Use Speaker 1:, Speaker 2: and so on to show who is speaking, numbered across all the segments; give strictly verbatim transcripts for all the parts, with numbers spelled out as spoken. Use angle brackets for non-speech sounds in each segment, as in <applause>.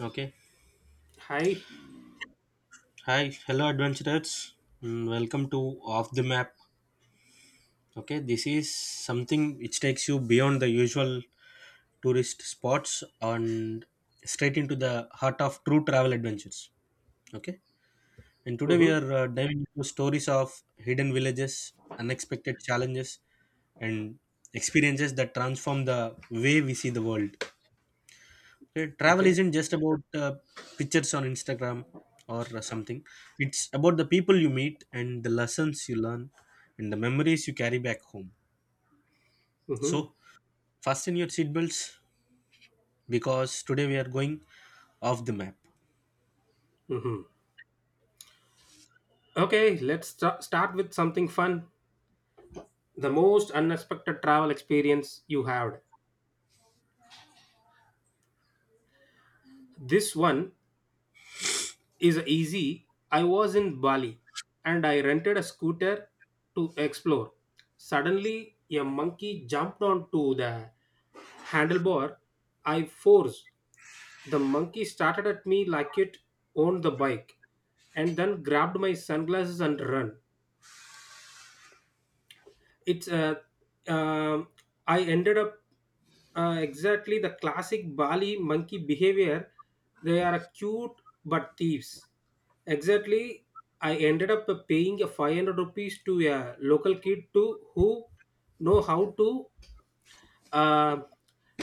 Speaker 1: Okay.
Speaker 2: Hi.
Speaker 1: Hi, hello adventurers. Mm, Welcome to Off the Map. Okay, this is something which takes you beyond the usual tourist spots and straight into the heart of true travel adventures. Okay, and today we
Speaker 2: Mm-hmm.
Speaker 1: are uh, diving into stories of hidden villages, unexpected challenges, and experiences that transform the way we see the world. Uh, travel
Speaker 2: Okay.
Speaker 1: isn't just about uh, pictures on Instagram or uh, something. It's about the people you meet and the lessons you learn and the memories you carry back home. So
Speaker 2: Mm-hmm.
Speaker 1: fasten your seatbelts, because today we are going off the map.
Speaker 2: Mm-hmm. Okay, let's sta- start with something fun. The most unexpected travel experience you had. This one is easy. I was in Bali and I rented a scooter to explore. Suddenly, a monkey jumped onto the handlebar. I forced. The monkey started at me like it owned the bike and then grabbed my sunglasses and ran. It's uh, um I ended up uh, exactly the classic bali monkey behavior, they are cute but thieves. Exactly, I ended up paying a five hundred rupees to a local kid to who know how to uh,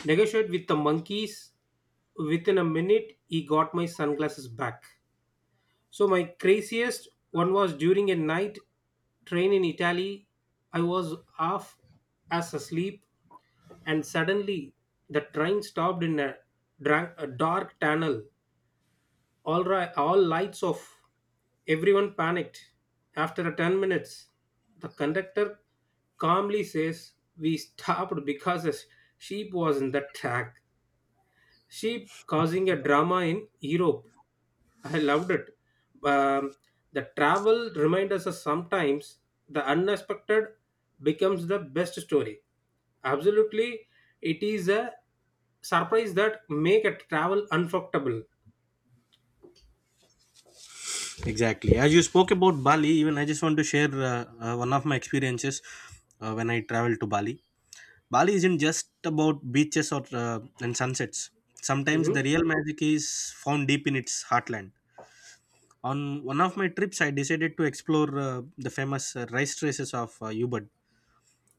Speaker 2: negotiate with the monkeys. Within a minute he got my sunglasses back. So my craziest one was during a night train in Italy. I was half as asleep, and suddenly the train stopped in a, drank, a dark tunnel. All right, all lights off. Everyone panicked. After ten minutes, the conductor calmly says, "We stopped because a sheep was in the track." Sheep causing a drama in Europe. I loved it. Um, the travel reminds us that sometimes the unexpected becomes the best story. Absolutely, it is a surprise that make a travel unforgettable.
Speaker 1: Exactly as you spoke about Bali, even I just want to share uh, uh, one of my experiences uh, when I traveled to Bali. Bali isn't just about beaches or uh, and sunsets. Sometimes
Speaker 2: Mm-hmm.
Speaker 1: the real magic is found deep in its heartland. On one of my trips, I decided to explore uh, the famous uh, rice traces of uh, Ubud,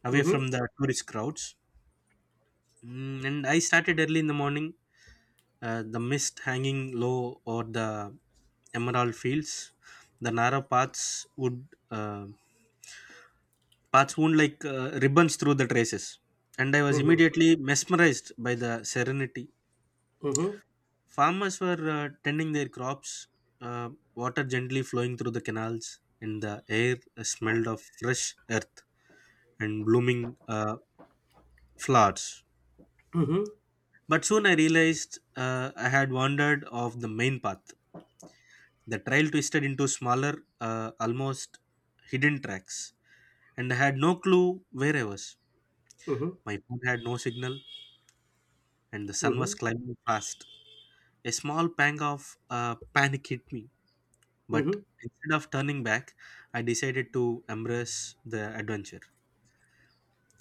Speaker 1: away
Speaker 2: Mm-hmm.
Speaker 1: from the tourist crowds. Mm, and I started early in the morning, uh, the mist hanging low over the emerald fields. The narrow paths would uh, paths wound like uh, ribbons through the traces, and I was
Speaker 2: Mm-hmm.
Speaker 1: immediately mesmerized by the serenity.
Speaker 2: Mm-hmm.
Speaker 1: Farmers were uh, tending their crops, uh, water gently flowing through the canals, and the air smelled of fresh earth and blooming uh, flowers.
Speaker 2: Mm-hmm.
Speaker 1: But soon I realized uh, I had wandered off the main path. The trail twisted into smaller, uh, almost hidden tracks, and I had no clue where I was.
Speaker 2: Mm-hmm.
Speaker 1: My phone had no signal, and the sun
Speaker 2: Mm-hmm.
Speaker 1: was climbing fast. A small pang of uh, panic hit me. But
Speaker 2: Mm-hmm.
Speaker 1: instead of turning back, I decided to embrace the adventure.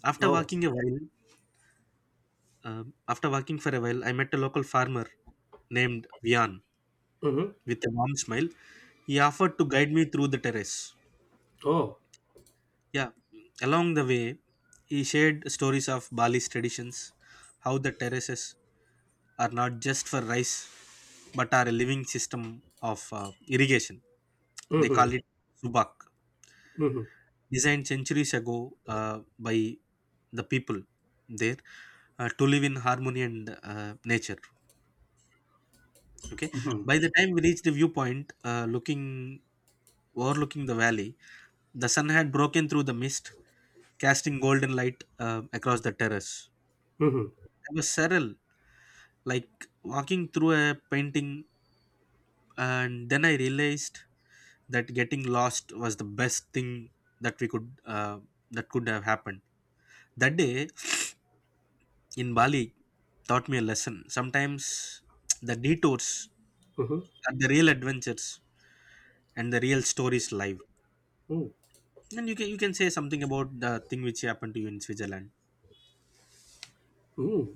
Speaker 1: After
Speaker 2: Oh.
Speaker 1: walking a while, um after walking for a while, I met a local farmer named Vian
Speaker 2: Mm-hmm.
Speaker 1: with a warm smile. He offered to guide me through the terrace.
Speaker 2: Oh.
Speaker 1: Yeah, along the way, he shared stories of Bali's traditions, how the terraces are not just for rice but are a living system of uh, irrigation. They
Speaker 2: Mm-hmm.
Speaker 1: call it subak,
Speaker 2: Mm-hmm.
Speaker 1: designed centuries ago uh, by the people there uh, to live in harmony and uh, nature. Okay,
Speaker 2: Mm-hmm.
Speaker 1: by the time we reached the viewpoint uh, looking overlooking the valley, the sun had broken through the mist, casting golden light uh, across the terrace.
Speaker 2: Mm-hmm.
Speaker 1: I was surreal, like walking through a painting. And then I realized that getting lost was the best thing that we could uh, that could have happened that day in Bali taught me a lesson. Sometimes the detours
Speaker 2: Mm-hmm.
Speaker 1: are the real adventures and the real stories live. And you can you can say something about the thing which happened to you in Switzerland.
Speaker 2: Mm-hmm.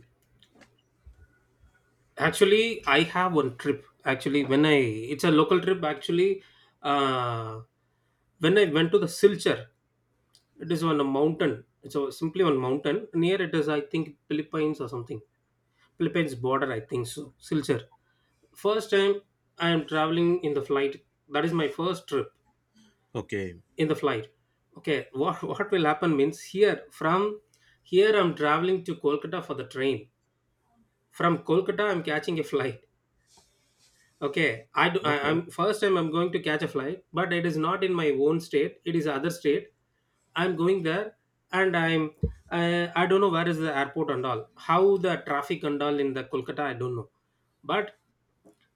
Speaker 2: Actually, I have one trip. Actually, when I, it's a local trip. Actually, uh, when I went to the Silchar, it is on a mountain. It's a, simply on mountain. Near it is, I think, Philippines or something. Philippines border, I think so. Silchar. First time I am traveling in the flight. That is my first trip
Speaker 1: Okay.
Speaker 2: in the flight. Okay, what <laughs> what will happen means here from here I'm traveling to Kolkata for the train. From Kolkata, I'm catching a flight. Okay, I do, I, am first time I'm going to catch a flight, but it is not in my own state. It is other state. I'm going there, and I'm I, I don't know where is the airport and all. How the traffic and all in the Kolkata, I don't know. But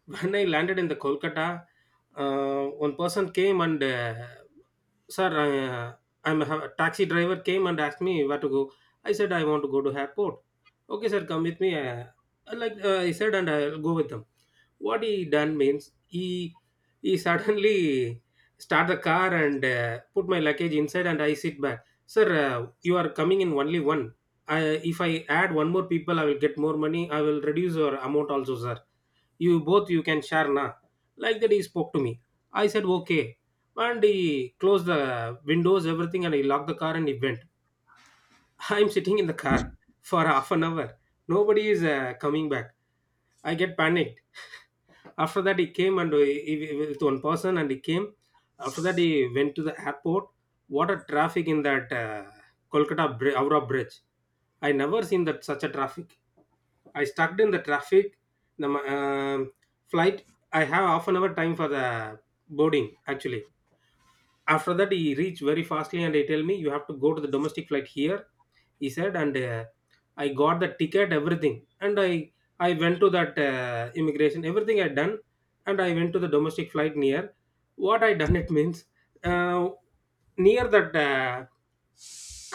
Speaker 2: when I landed in the Kolkata, uh, one person came and uh, sir, I, uh, I'm a taxi driver came and asked me where to go. I said I want to go to airport. Okay, sir, come with me. Uh, I like uh, I said, and I'll go with them. What he done means he he suddenly start the car and uh, put my luggage inside and I sit back. Sir, uh, you are coming in only one. I, if I add one more people, I will get more money. I will reduce your amount also, sir, you both you can share na, like that he spoke to me. I said okay, and he closed the windows everything and he locked the car and he went. <laughs> I'm sitting in the car for half an hour, nobody is uh, coming back. I get panicked. After that he came and he, he- with one person and he came. After that he went to the airport. What a traffic in that uh, Kolkata Bri- Howrah bridge. I never seen that such a traffic. I stuck in the traffic. The um flight. I have half an hour time for the boarding. Actually, after that he reached very fastly and he tell me you have to go to the domestic flight here. He said, and uh, I got the ticket, everything, and I I went to that uh, immigration. Everything I done, and I went to the domestic flight near. What I done it means uh, near that. Uh,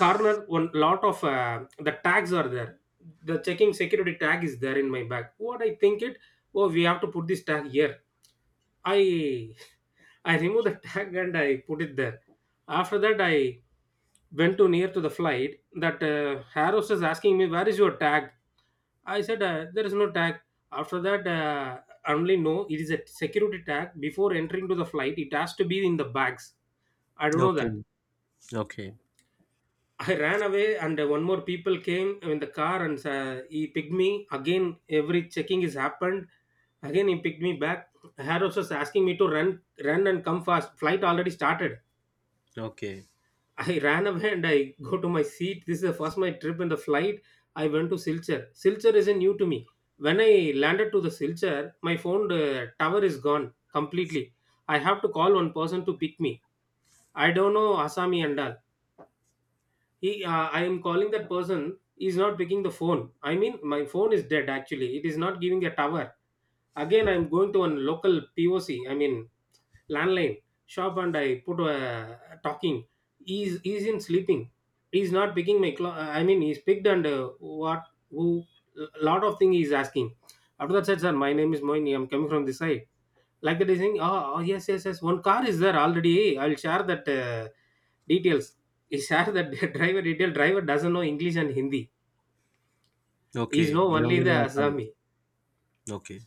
Speaker 2: corner one lot of uh, the tags are there, the checking security tag is there in my bag. What I think it, oh, we have to put this tag here. I <laughs> I remove the tag and I put it there. After that I went to near to the flight. That uh, harris is asking me where is your tag. I said uh, there is no tag. After that, uh, only no, it is a security tag before entering to the flight it has to be in the bags. I don't know that.
Speaker 1: Okay. Okay.
Speaker 2: I ran away, and one more people came in the car, and uh, he picked me again. Every checking is happened. Again, he picked me back. Harris was asking me to run, run, and come fast. Flight already started.
Speaker 1: Okay.
Speaker 2: <laughs> I ran away and I go to my seat. This is the first my trip in the flight. I went to Silchar. Silchar isn't new to me. When I landed to the Silchar, my phone uh, tower is gone completely. I have to call one person to pick me. I don't know Asami and all. He uh, I am calling that person, is not picking the phone. I mean my phone is dead, actually it is not giving a tower. Again I am going to one local poc, I mean landline shop, and I put a talking. He's he's in sleeping. He's not picking my clo- I mean he's picked and uh, what, who, lot of thing he's asking. After that said sir my name is moini, I'm coming from this side. Like that is saying, oh, oh, yes, yes, yes, one car is there already. I'll share that uh, details. He share that <laughs> driver detail. Driver doesn't know English and Hindi. He's
Speaker 1: Okay.
Speaker 2: know
Speaker 1: They
Speaker 2: only
Speaker 1: only
Speaker 2: the
Speaker 1: know some.
Speaker 2: Assami.
Speaker 1: Okay.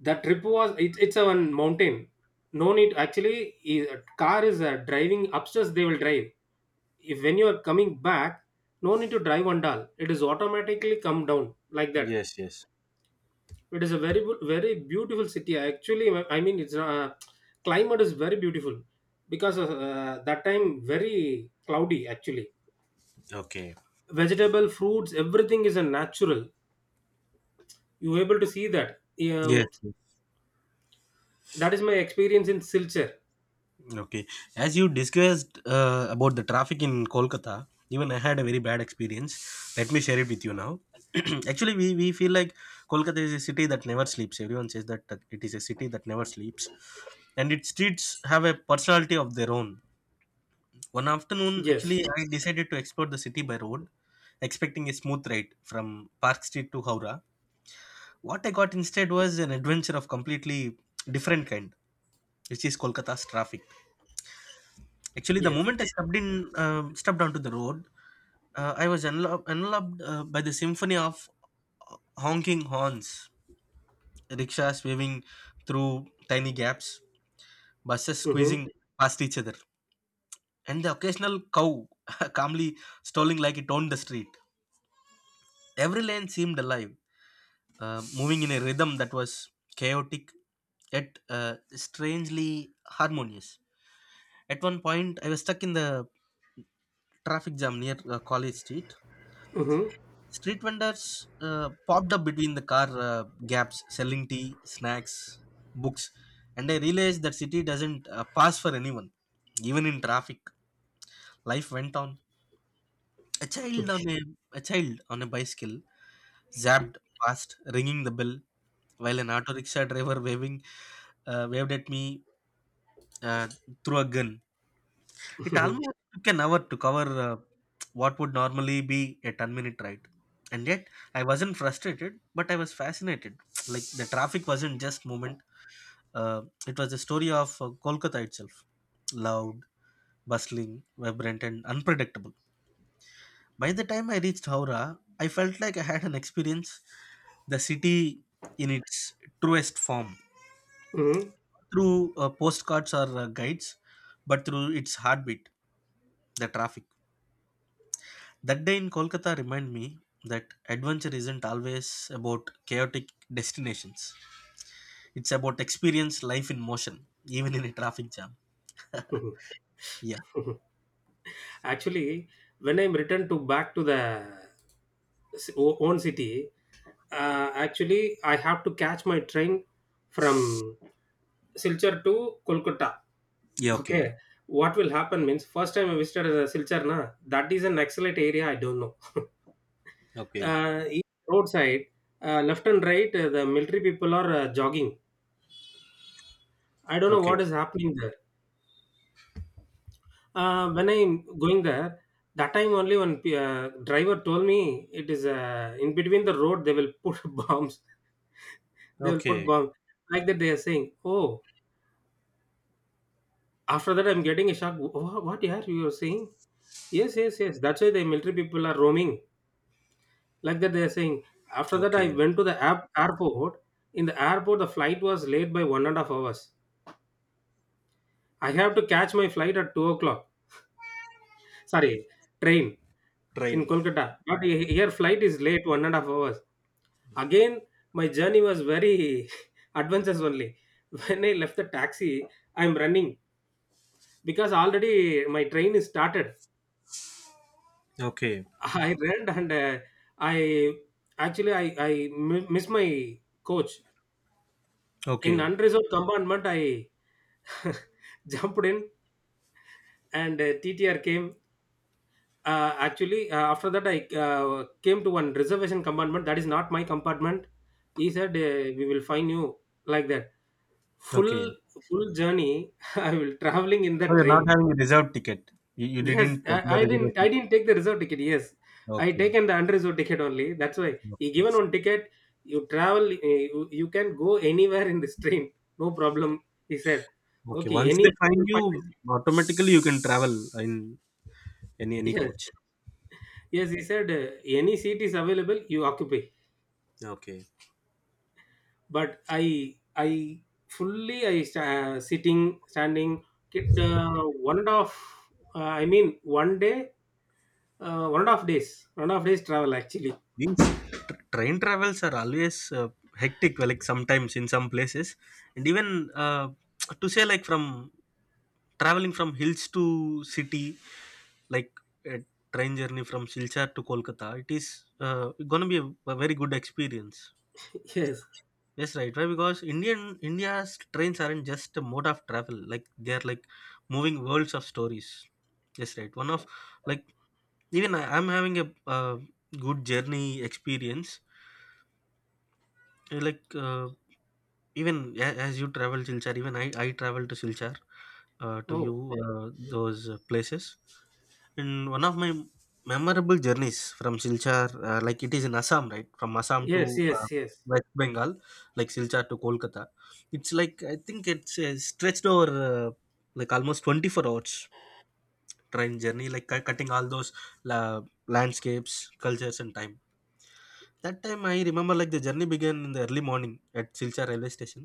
Speaker 2: The trip was, it, it's a one mountain. No need, actually, he, uh, car is uh, driving upstairs, they will drive. If when you are coming back, no need to drive on all. It is automatically come down like that.
Speaker 1: Yes, yes.
Speaker 2: It is a very bu- very beautiful city. Actually, I mean, it's uh, climate is very beautiful because of, uh, that time very cloudy. Actually,
Speaker 1: Okay.
Speaker 2: vegetable, fruits, everything is a natural. You able to see that.
Speaker 1: Yes.
Speaker 2: Um, that is my experience in Silchar.
Speaker 1: Okay. As you discussed uh, about the traffic in Kolkata, even I had a very bad experience. Let me share it with you now. <clears throat> Actually, we, we feel like Kolkata is a city that never sleeps. Everyone says that uh, it is a city that never sleeps. And its streets have a personality of their own. One afternoon,
Speaker 2: Yes,
Speaker 1: actually, I decided to explore the city by road, expecting a smooth ride from Park Street to Howrah. What I got instead was an adventure of completely different kind, which is Kolkata's traffic. Actually, the
Speaker 2: yes.
Speaker 1: moment I stepped in, uh, stepped onto the road, uh, I was enlo- enveloped uh, by the symphony of uh, honking horns, rickshaws waving through tiny gaps, buses
Speaker 2: Mm-hmm.
Speaker 1: squeezing past each other, and the occasional cow <laughs> calmly strolling like it owned the street. Every lane seemed alive, uh, moving in a rhythm that was chaotic yet uh, strangely harmonious. At one point, I was stuck in the traffic jam near uh, College Street.
Speaker 2: Mm-hmm.
Speaker 1: Street vendors uh, popped up between the car uh, gaps, selling tea, snacks, books, and I realized that city doesn't uh, pass for anyone. Even in traffic, life went on. A child on a, a child on a bicycle zapped past, ringing the bell, while an auto rickshaw driver waving uh, waved at me uh, through a gun. It almost
Speaker 2: <laughs>
Speaker 1: took an hour to cover uh, what would normally be a ten minute ride. And yet, I wasn't frustrated, but I was fascinated. <tsk> Like, the traffic wasn't just movement, uh, it was a story of uh, Kolkata itself, loud, bustling, vibrant, and unpredictable. By the time I reached Howrah, I felt like I had an experience the city in its truest form.
Speaker 2: Mm-hmm.
Speaker 1: Through uh, postcards or uh, guides, but through its heartbeat, the traffic. That day in Kolkata reminded me that adventure isn't always about chaotic destinations. It's about experience life in motion, even in a traffic jam. <laughs> Yeah.
Speaker 2: Mm-hmm. <laughs> Actually, when I'm returned to back to the s- o- own city, uh, actually I have to catch my train from Silchar to Kolkata.
Speaker 1: Yeah. Okay.
Speaker 2: Okay. What will happen means first time I visited uh, Silchar na, that is an excellent area I don't know.
Speaker 1: Okay.
Speaker 2: Uh, each roadside uh, left and right uh, the military people are uh, jogging. I don't know what
Speaker 1: Okay.
Speaker 2: is happening there. Uh, when I'm going there, that time only one p- uh, driver told me it is uh, in between the road they will put <laughs> bombs. They will put
Speaker 1: Okay.
Speaker 2: bombs, like that they are saying. Oh, after that I'm getting a shock. What, what yeah, you are saying? Yes, yes, yes. That's why the military people are roaming, like that they're saying. After that I
Speaker 1: Okay.
Speaker 2: went to the app, airport. In the airport the flight was late by one and a half hours. I have to catch my flight at two o'clock, sorry, train in
Speaker 1: Train.
Speaker 2: Kolkata, but he- here flight is late one and a half hours. Again my journey was very <laughs> adventurous only. When I left the taxi, I'm running because already my train is started.
Speaker 1: Okay.
Speaker 2: <laughs> I ran and uh, I actually i i mi- missed my coach. In
Speaker 1: Okay.
Speaker 2: unreserved compartment I <laughs> jumped in and uh, T T R came. Uh, actually, uh, after that, I uh, came to one reservation compartment. That is not my compartment. He said, uh, "We will find you." Like that, full
Speaker 1: Okay.
Speaker 2: full journey. <laughs> I will traveling in
Speaker 1: So
Speaker 2: that
Speaker 1: you're not
Speaker 2: train.
Speaker 1: having a reserved ticket. You, you
Speaker 2: Yes,
Speaker 1: didn't have a
Speaker 2: I, I didn't. I
Speaker 1: reservation.
Speaker 2: didn't take the reserved ticket. Yes, I
Speaker 1: Okay.
Speaker 2: taken the unreserved ticket only. That's why he given one ticket. You travel. uh, You, you can go anywhere in this train. No problem. He said,
Speaker 1: Okay.
Speaker 2: "Okay,
Speaker 1: Once
Speaker 2: any."
Speaker 1: they find you, automatically you can travel in any any
Speaker 2: Yes,
Speaker 1: coach.
Speaker 2: yes, he said uh, any seat is available, you occupy.
Speaker 1: Okay.
Speaker 2: But I, I fully, I sta- uh, sitting, standing, get, uh, one and a half. Uh, I mean, one day, uh, one and a half days, one and a half days travel actually.
Speaker 1: These tr- train travels are always uh, hectic, like sometimes in some places, and even uh, <tsk> to say like from traveling from hills to city, like a train journey from Silchar to Kolkata, it is uh, gonna be a, a very good experience.
Speaker 2: <laughs> Yes.
Speaker 1: Yes, right. Why? Because Indian India's trains aren't just a mode of travel; like they are like moving worlds of stories. Yes, right. One of, like, even I, I'm having a uh, good journey experience. Uh, like uh, even a- as you travel Silchar, even I I travel to Silchar uh, to view
Speaker 2: Oh,
Speaker 1: uh, those uh, places. And one of my memorable journeys from Silchar, uh, like it is in Assam, right? From Assam
Speaker 2: yes,
Speaker 1: to uh,
Speaker 2: yes, yes,
Speaker 1: West Bengal, like Silchar to Kolkata. It's like I think it's uh, stretched over uh, like almost twenty four hours train journey, like cu- cutting all those la- landscapes, cultures, and time. That time I remember, like, the journey began in the early morning at Silchar railway station.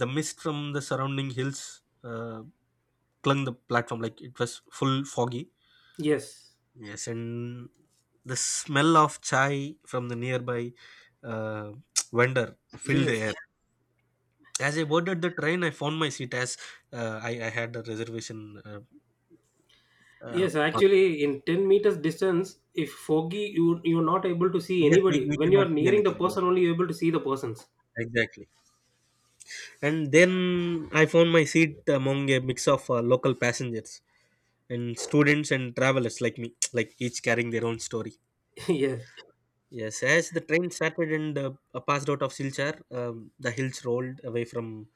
Speaker 1: The mist from the surrounding hills uh, clung the platform like it was full foggy.
Speaker 2: yes,
Speaker 1: Yes, and the smell of chai from the nearby uh, <tsk> vendor filled the air.
Speaker 2: yes,
Speaker 1: As I boarded the train, I found my seat, as uh, I, I had a reservation. uh, uh,
Speaker 2: yes.
Speaker 1: for-
Speaker 2: Actually, in ten meters distance, if foggy, you you're not able to see
Speaker 1: yes, we,
Speaker 2: anybody.
Speaker 1: we
Speaker 2: When
Speaker 1: cannot
Speaker 2: you're
Speaker 1: see
Speaker 2: nearing the
Speaker 1: anything, yes,
Speaker 2: person, only you're able to see the persons.
Speaker 1: exactly. And then I found my seat among a mix of uh, local passengers and students and travelers like me, <tsk> like each carrying their own story.
Speaker 2: <laughs> Yes,
Speaker 1: Yes, as the train started and uh, passed out of Silchar, um, the hills rolled away from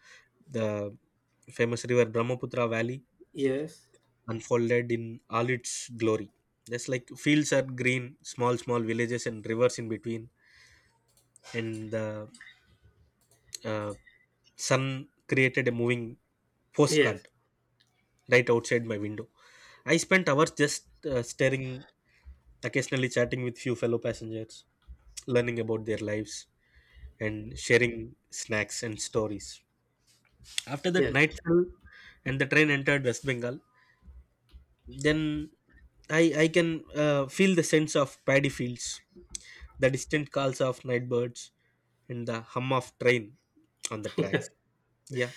Speaker 1: the famous river Brahmaputra Valley,
Speaker 2: yes,
Speaker 1: unfolded in all its glory. Just like fields are green, small, small villages and rivers in between, and the uh, sun created a moving
Speaker 2: yes,
Speaker 1: postcard right outside my window. I spent hours just uh, staring, occasionally chatting with few fellow passengers, learning about their lives and sharing snacks and stories. After that,
Speaker 2: yes.
Speaker 1: night fell and the train entered West Bengal. Then I, I can uh, feel the sense of paddy fields, the distant calls of night birds, and the hum of train on the tracks. Yeah,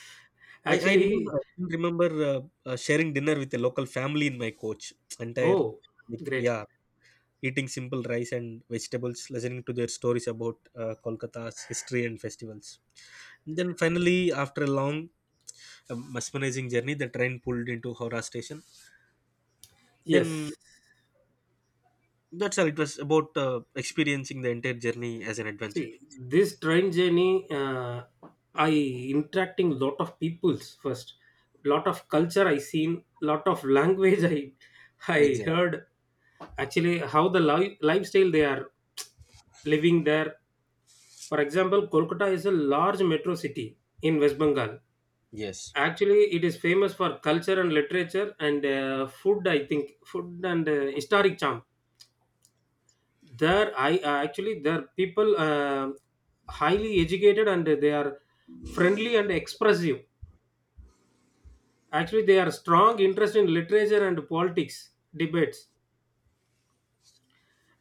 Speaker 1: I, I remember,
Speaker 2: Actually,
Speaker 1: I still remember uh, uh, sharing dinner with a local family in my coach. Entire,
Speaker 2: oh,
Speaker 1: like,
Speaker 2: great.
Speaker 1: yeah, eating simple rice and vegetables, listening to their stories about uh, Kolkata's history and festivals. Then finally, after a long, uh, mesmerizing journey, the train pulled into Howrah station. Then
Speaker 2: Yes.
Speaker 1: that's all. It was about uh, experiencing the entire journey as an adventure.
Speaker 2: See, this train journey, uh, I interacting lot of peoples first, lot of culture I seen, lot of language I I
Speaker 1: Exactly.
Speaker 2: heard. Actually, how the li- lifestyle they are living there. For example, Kolkata is a large metro city in West Bengal.
Speaker 1: Yes.
Speaker 2: Actually, it is famous for culture and literature and uh, food. I think food and uh, historic charm. There I uh, actually there are people, uh, highly educated, and they are friendly and expressive. Actually, they are strong interest in literature and politics debates,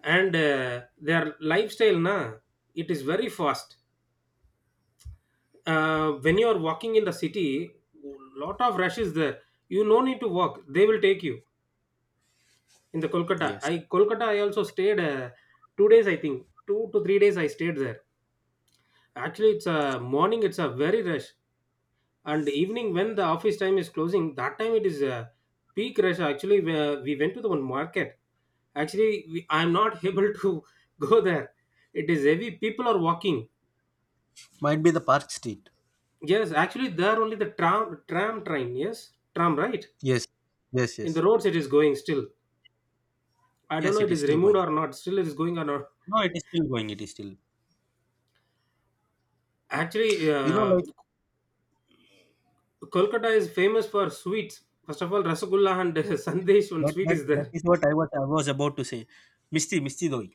Speaker 2: and uh, their lifestyle na, it is very fast. Uh, when you are walking in the city, lot of rush is there. You no need to walk, they will take you. In the Kolkata
Speaker 1: Yes.
Speaker 2: I Kolkata i also stayed, uh, two days, I think two to three days I stayed there. Actually, it's a morning, it's a very rush, and evening when the office time is closing, that time it is a peak rush. Actually, where we went to the one market, actually we, I'm not able to <laughs> go there. It is heavy, people are walking.
Speaker 1: Might be the Park Street.
Speaker 2: Yes, actually there only the tram tram train, yes, tram, right.
Speaker 1: Yes. Yes.
Speaker 2: In the
Speaker 1: Yes.
Speaker 2: roads it is going still. I don't
Speaker 1: Yes.
Speaker 2: know,
Speaker 1: It
Speaker 2: it
Speaker 1: is
Speaker 2: is
Speaker 1: still
Speaker 2: removed
Speaker 1: going.
Speaker 2: or not, still it is going or not.
Speaker 1: No, it is still going. It is still.
Speaker 2: Actually,
Speaker 1: You know,
Speaker 2: uh,
Speaker 1: like
Speaker 2: Kolkata is famous for sweets. First of all, rasgulla and <laughs> sandesh, one
Speaker 1: That,
Speaker 2: sweet
Speaker 1: that
Speaker 2: is
Speaker 1: that
Speaker 2: there.
Speaker 1: is what I was I was about to say. Misti Misti doi.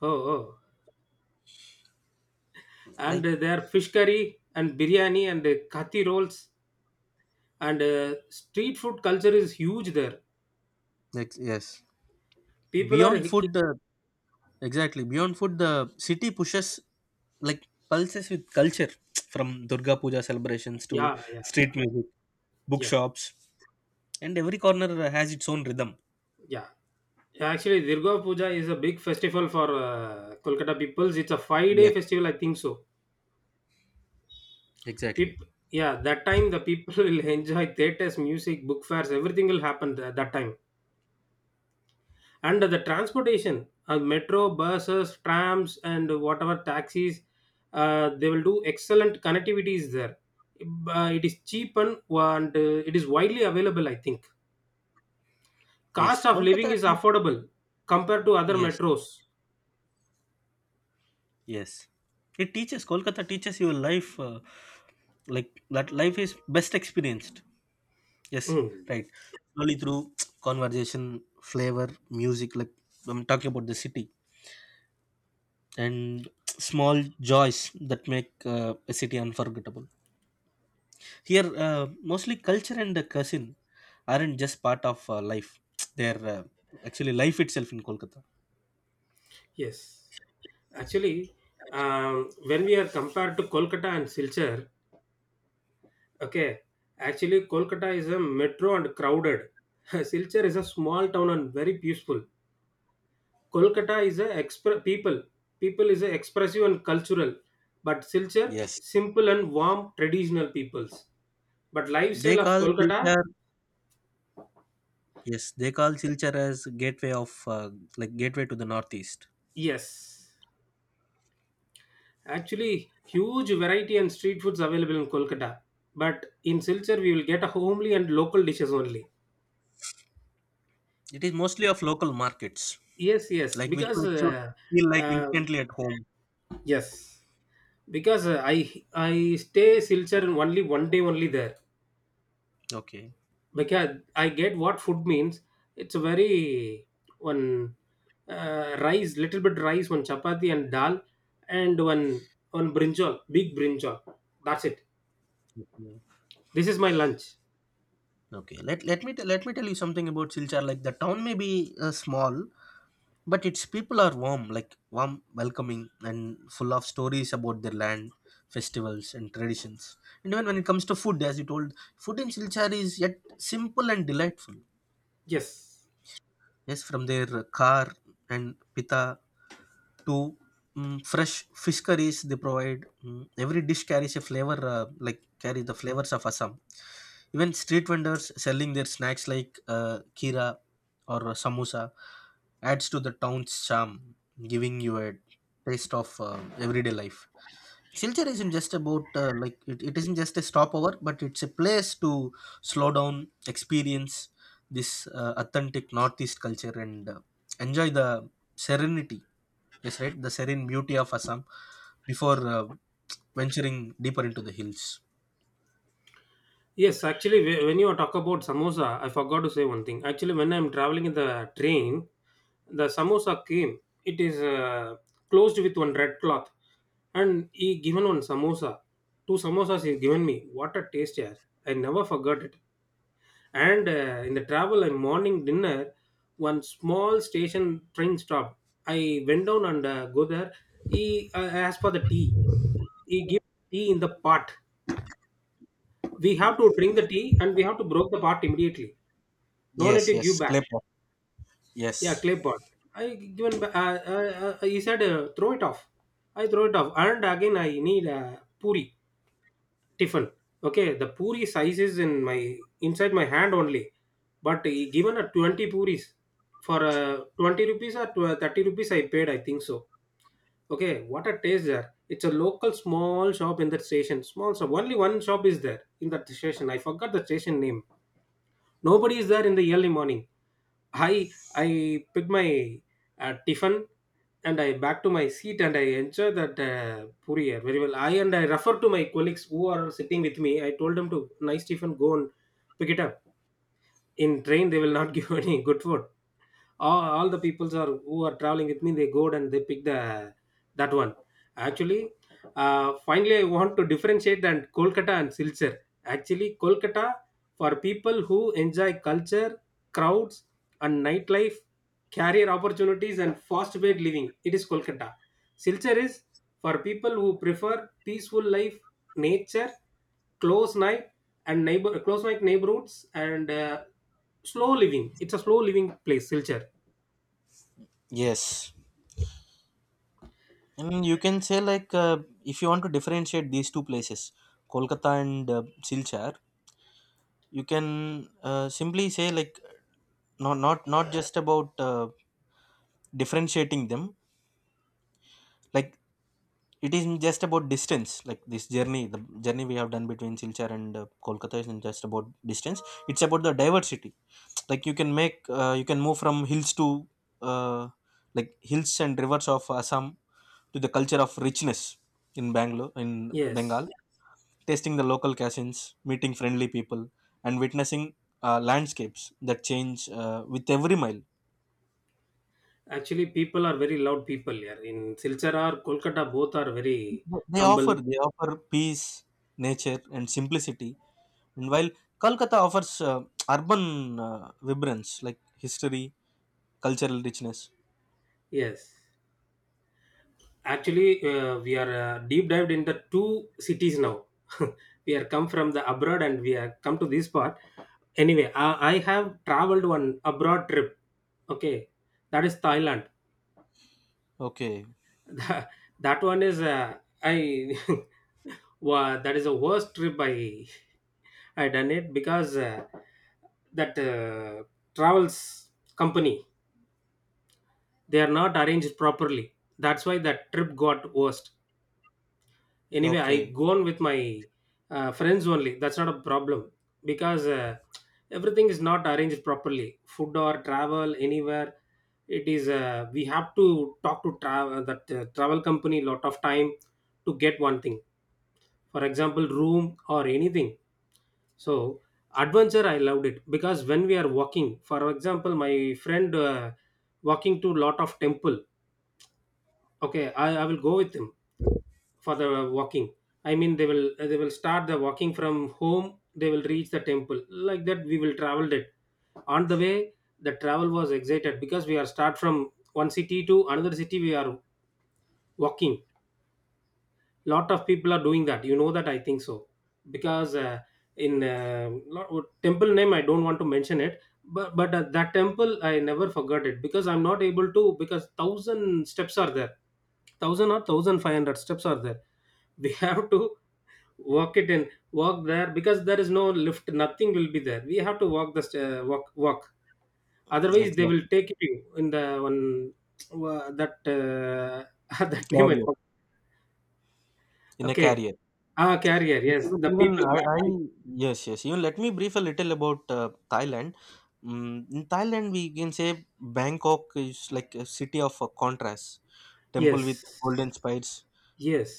Speaker 2: Oh oh And
Speaker 1: Like,
Speaker 2: uh, their fish curry and biryani and uh, kathi rolls and uh, street food culture is huge there.
Speaker 1: Ex- yes.
Speaker 2: People are
Speaker 1: beyond
Speaker 2: he-
Speaker 1: food
Speaker 2: he-
Speaker 1: the Exactly, beyond food, the city pushes like pulses with culture, <tsk> from Durga Puja celebrations to
Speaker 2: yeah, yeah,
Speaker 1: street music,
Speaker 2: yeah,
Speaker 1: bookshops, and every corner has its own rhythm.
Speaker 2: yeah. Actually, Durga Puja is a big festival for uh, Kolkata peoples. It's a five day
Speaker 1: Yes,
Speaker 2: festival, I think so.
Speaker 1: exactly.
Speaker 2: Peop- yeah, that time the people <laughs> will enjoy theaters, music, book fairs, everything will happen at that time. And the transportation, uh, metro, buses, trams, and whatever taxis, uh, they will do. Excellent connectivity is there. Uh, it is cheap, and, and uh, it is widely available, I think.
Speaker 1: Yes,
Speaker 2: Cost of living
Speaker 1: Kolkata.
Speaker 2: is
Speaker 1: Te-
Speaker 2: affordable compared to other
Speaker 1: yes,
Speaker 2: metros.
Speaker 1: yes. It teaches Kolkata teaches your life uh, like that. Life is best experienced. Yes,
Speaker 2: Mm,
Speaker 1: right. Only through <tsk> conversation, flavor, music, like I'm talking about the city and <tsk> small joys that make uh, a city unforgettable. Here, uh, mostly culture and the cuisine aren't just part of uh, life; <tsk> they're uh, actually life itself in Kolkata.
Speaker 2: yes, actually um, when we are compared to Kolkata and Silchar, okay, actually Kolkata is a metro and crowded. <laughs> Silchar is a small town and very peaceful. Kolkata is a expre- people. People is a expressive and cultural, but Silchar
Speaker 1: Yes.
Speaker 2: simple and warm traditional peoples. But
Speaker 1: They
Speaker 2: lifestyle of
Speaker 1: call
Speaker 2: Kolkata,
Speaker 1: Silchar, yes, they call Silchar as gateway of uh, like gateway to the Northeast.
Speaker 2: yes, actually huge variety and street foods available in Kolkata. But in Silchar, we will get a homely and local dishes only.
Speaker 1: It is mostly of local markets,
Speaker 2: Yes, yes,
Speaker 1: like which
Speaker 2: because
Speaker 1: makes you
Speaker 2: uh,
Speaker 1: feel like
Speaker 2: uh,
Speaker 1: instantly at home.
Speaker 2: yes, because uh, I I stay Silchar only one day only there.
Speaker 1: Okay.
Speaker 2: Like, yeah, I get what food means. It's a very one uh, rice, little bit rice, one chapati and dal, and one one brinjal, big brinjal. That's it.
Speaker 1: Mhm.
Speaker 2: This is my lunch.
Speaker 1: Okay, let let me t- let me tell you something about Silchar. Like the town may be uh, small, but its people are warm, like warm, welcoming, and full of stories about their land, festivals, and traditions. And even when it comes to food, as you told, food in Silchar is yet simple and delightful.
Speaker 2: Yes,
Speaker 1: Yes, from their uh, kar and pita to mm, fresh fish curries they provide. Mm, every dish carries a flavor, uh, like carry the flavors of Assam. Even street vendors selling their snacks like uh, kira or samosa adds to the town's charm, giving you a taste of uh, everyday life. Silchar isn't just about uh, like it, it isn't just a stopover, but it's a place to slow down, experience this uh, authentic Northeast culture, and uh, enjoy the serenity. Yes, right. The serene beauty of Assam before uh, venturing deeper into the hills.
Speaker 2: yes. Actually, whe- when you talk about samosa, I forgot to say one thing. Actually, when I'm traveling in the train, the samosa came. It is uh, closed with one red cloth, and he given one samosa. Two samosas he given me. What a taste, yeah! I never forgot it. And uh, in the travel and morning dinner, one small station train stopped. I went down and uh, go there. He uh, asked for the tea. He gave tea in the pot. We have to drink the tea and we have to broke the pot immediately. No
Speaker 1: Yes,
Speaker 2: need to
Speaker 1: yes,
Speaker 2: give back.
Speaker 1: clay pot. Yes,
Speaker 2: Yeah, clay pot. I given. Ba- Uh, uh, uh, he said, uh, throw it off. I throw it off, and again I need, uh, puri. Tiffin. Okay, the puri size is in my inside my hand only, but he given a twenty puris for uh, twenty rupees or twelve thirty rupees I paid, I think so. Okay, what a taste there. It's a local small shop in that station. Small shop. Only one shop is there in that station. I forgot the station name. Nobody is there in the early morning. I I put my uh, tiffin and I back to my seat and I enjoy that uh, puri uh, very well. I and I refer to my colleagues who are sitting with me. I told them to nice tiffin, go and pick it up. In train, they will not <laughs> give any good food. All, all the peoples are who are traveling with me, they go and they pick the that one. Actually, uh, finally, I want to differentiate and Kolkata and Silchar. Actually, Kolkata for people who enjoy culture, crowds, and nightlife, career opportunities and fast paced living, it is Kolkata. Silchar is for people who prefer peaceful life, nature, close night, and neighbor close night neighborhoods, and uh, slow living. It's a slow living place, Silchar.
Speaker 1: yes. And you can say like uh, if you want to differentiate these two places, Kolkata and uh, Silchar, you can uh, simply say like not not not just about uh, differentiating them. Like, it isn't just about distance, like this journey, the journey we have done between Silchar and uh, Kolkata isn't just about distance. It's about the diversity. Like you can make, uh, you can move from hills to uh, like hills and rivers of Assam to the culture of richness in Bangalore, in Bengal,
Speaker 2: Yes,
Speaker 1: tasting the local cuisines, meeting friendly people, and witnessing uh, landscapes that change uh, with every mile.
Speaker 2: actually, people are very loud people here in Silchar or Kolkata. Both are very
Speaker 1: They
Speaker 2: humble.
Speaker 1: offer, they offer peace, nature, and simplicity. And while Kolkata offers uh, urban uh, vibrance like history, cultural richness.
Speaker 2: Yes, actually, uh, we are uh, deep dived in the two cities now. <laughs> We are come from the abroad and we are come to this part. Anyway, I, I have traveled one abroad trip. Okay, that is Thailand.
Speaker 1: Okay,
Speaker 2: <laughs> That that one is uh, I. <laughs> Wow, that is the worst trip I I done it, because uh, that uh, travels company, they are not arranged properly, that's why that trip got worst. Anyway, I
Speaker 1: okay,
Speaker 2: gone with my uh, friends only, that's not a problem, because uh, everything is not arranged properly, food or travel anywhere. It is uh, we have to talk to travel that uh, travel company lot of time to get one thing, for example, room or anything. So adventure, I loved it, because when we are walking, for example, my friend uh, walking to lot of temple. Okay, I, I will go with him for the walking. I mean, they will they will start the walking from home, they will reach the temple. Like that, we will travel it. On the way, the travel was excited, because we are start from one city to another city. We are walking. Lot of people are doing that. You know that, I think so, because uh, in uh, lo- temple name I don't want to mention it. But but uh, that temple I never forgot it, because I'm not able to, because thousand steps are there. Thousand or thousand five hundred steps are there. We <laughs> have to walk it and walk there, because there is no lift, nothing will be there. We have to walk the st- uh, walk, walk, otherwise they will
Speaker 1: exactly.
Speaker 2: take you in the one, wha- that uh, <laughs> that name I
Speaker 1: Career
Speaker 2: forgot.
Speaker 1: in a
Speaker 2: Okay,
Speaker 1: career.
Speaker 2: ah, carrier, yes,
Speaker 1: Even,
Speaker 2: the
Speaker 1: even
Speaker 2: people
Speaker 1: I,
Speaker 2: man,
Speaker 1: I,
Speaker 2: right?
Speaker 1: yes, yes. Even let me brief a little about uh, Thailand. Mm, in Thailand, we can say Bangkok is like a city of uh, contrasts. Temple with
Speaker 2: Yes,
Speaker 1: golden spires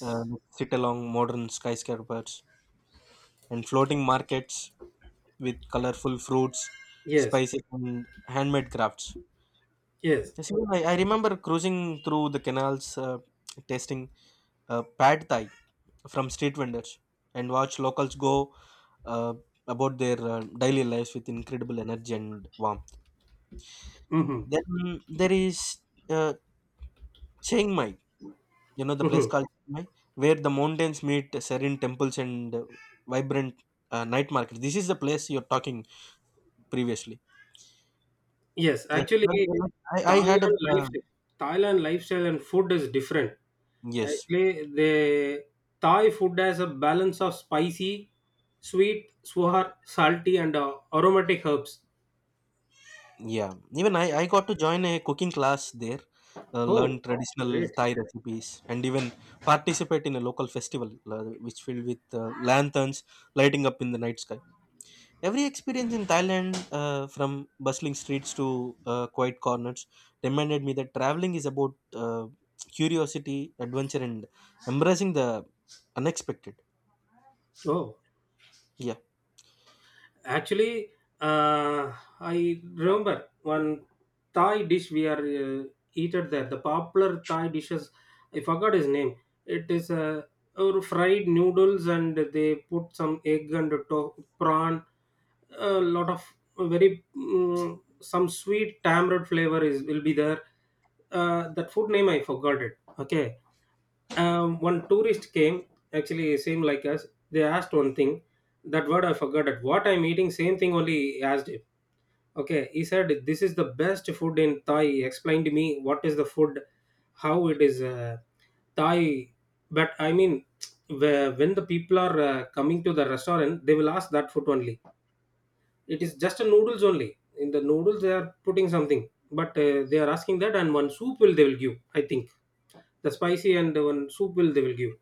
Speaker 1: uh, sit along modern skyscrapers and floating markets with colorful fruits,
Speaker 2: yes,
Speaker 1: spices, and handmade crafts.
Speaker 2: yes.
Speaker 1: Yes, you know, I, I remember cruising through the canals, uh, tasting uh, pad thai from street vendors, and watch locals go uh, about their uh, daily lives with incredible energy and warmth.
Speaker 2: Mm-hmm.
Speaker 1: Then there is uh, Chiang Mai, you know, the place
Speaker 2: Mm-hmm.
Speaker 1: called Chiang Mai, where the mountains meet serene temples and uh, vibrant uh, night market. This is the place you're talking previously.
Speaker 2: Yes,
Speaker 1: Yes,
Speaker 2: actually,
Speaker 1: I, I I had a
Speaker 2: Thailand
Speaker 1: uh,
Speaker 2: lifestyle, Thailand lifestyle and food is different.
Speaker 1: yes.
Speaker 2: Actually, the Thai food has a balance of spicy, sweet, sour, salty, and uh, aromatic herbs.
Speaker 1: Yeah, even I, I got to join a cooking class there, uh, learn Oh,
Speaker 2: Oh,
Speaker 1: traditional
Speaker 2: great!
Speaker 1: Thai recipes, and even participate in a local festival uh, which filled with uh, lanterns lighting up in the night sky. Every experience in Thailand, uh, from bustling streets to uh, quiet corners, reminded me that traveling is about uh, curiosity, adventure, and embracing the unexpected.
Speaker 2: Oh,
Speaker 1: Yeah,
Speaker 2: actually, uh, I remember one Thai dish we are uh, eaten there. The popular Thai dishes, I forgot his name. It is uh, or fried noodles, and they put some egg and to- prawn. A lot of very, mm, some sweet tamarind flavor is will be there. Uh, that food name I forgot it. Okay, um, one tourist came, actually same like us. They asked one thing, that word I forgot it, what I'm eating same thing only he asked him. Okay, he said this is the best food in Thai. He explained to me what is the food, how it is, uh, Thai. But I mean, <tsk> where- when the people are uh, coming to the restaurant, they will ask that food only. It is just a noodles only, in the noodles they are putting something. But uh, they are asking that, and one soup will they will give, I think, the spicy, and one soup will they will give.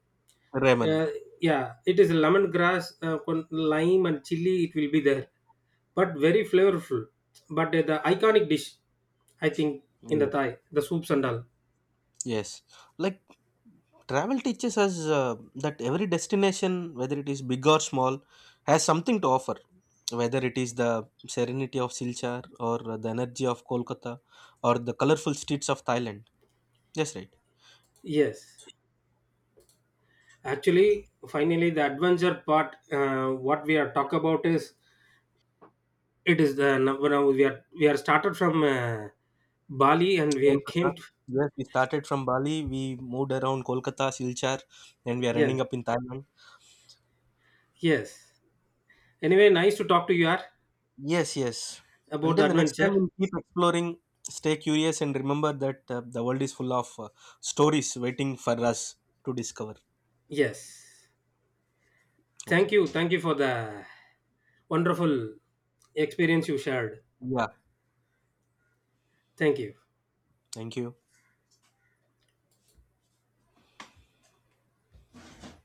Speaker 1: ramen.
Speaker 2: uh, yeah, it is lemongrass, uh, con- lime, and chili. It will be there, but very flavorful. But uh, the iconic dish, I think, in the
Speaker 1: Yeah.
Speaker 2: Thai, the soups and all.
Speaker 1: Yes, like travel teaches us uh, that every destination, whether it is big or small, has something to offer. Whether it is the serenity of Silchar or uh, the energy of Kolkata or the colorful streets of Thailand. Yes, right.
Speaker 2: Yes, actually, finally, the adventure part. Uh, what we are talk about is, it is the now now we are we are started from uh, Bali and we
Speaker 1: Kolkata.
Speaker 2: came to
Speaker 1: Yes, we started from Bali, we moved around Kolkata, Silchar, and we are
Speaker 2: yeah,
Speaker 1: ending up in Thailand.
Speaker 2: yes. Anyway, nice to talk to you are
Speaker 1: Yes, yes.
Speaker 2: about the
Speaker 1: Until the next time,
Speaker 2: adventure.
Speaker 1: we'll keep exploring, stay curious, and remember that uh, the world is full of uh, stories waiting for us to discover.
Speaker 2: Yes, thank
Speaker 1: Okay.
Speaker 2: you, thank you for the wonderful experience you shared.
Speaker 1: Yeah.
Speaker 2: Thank you.
Speaker 1: Thank you.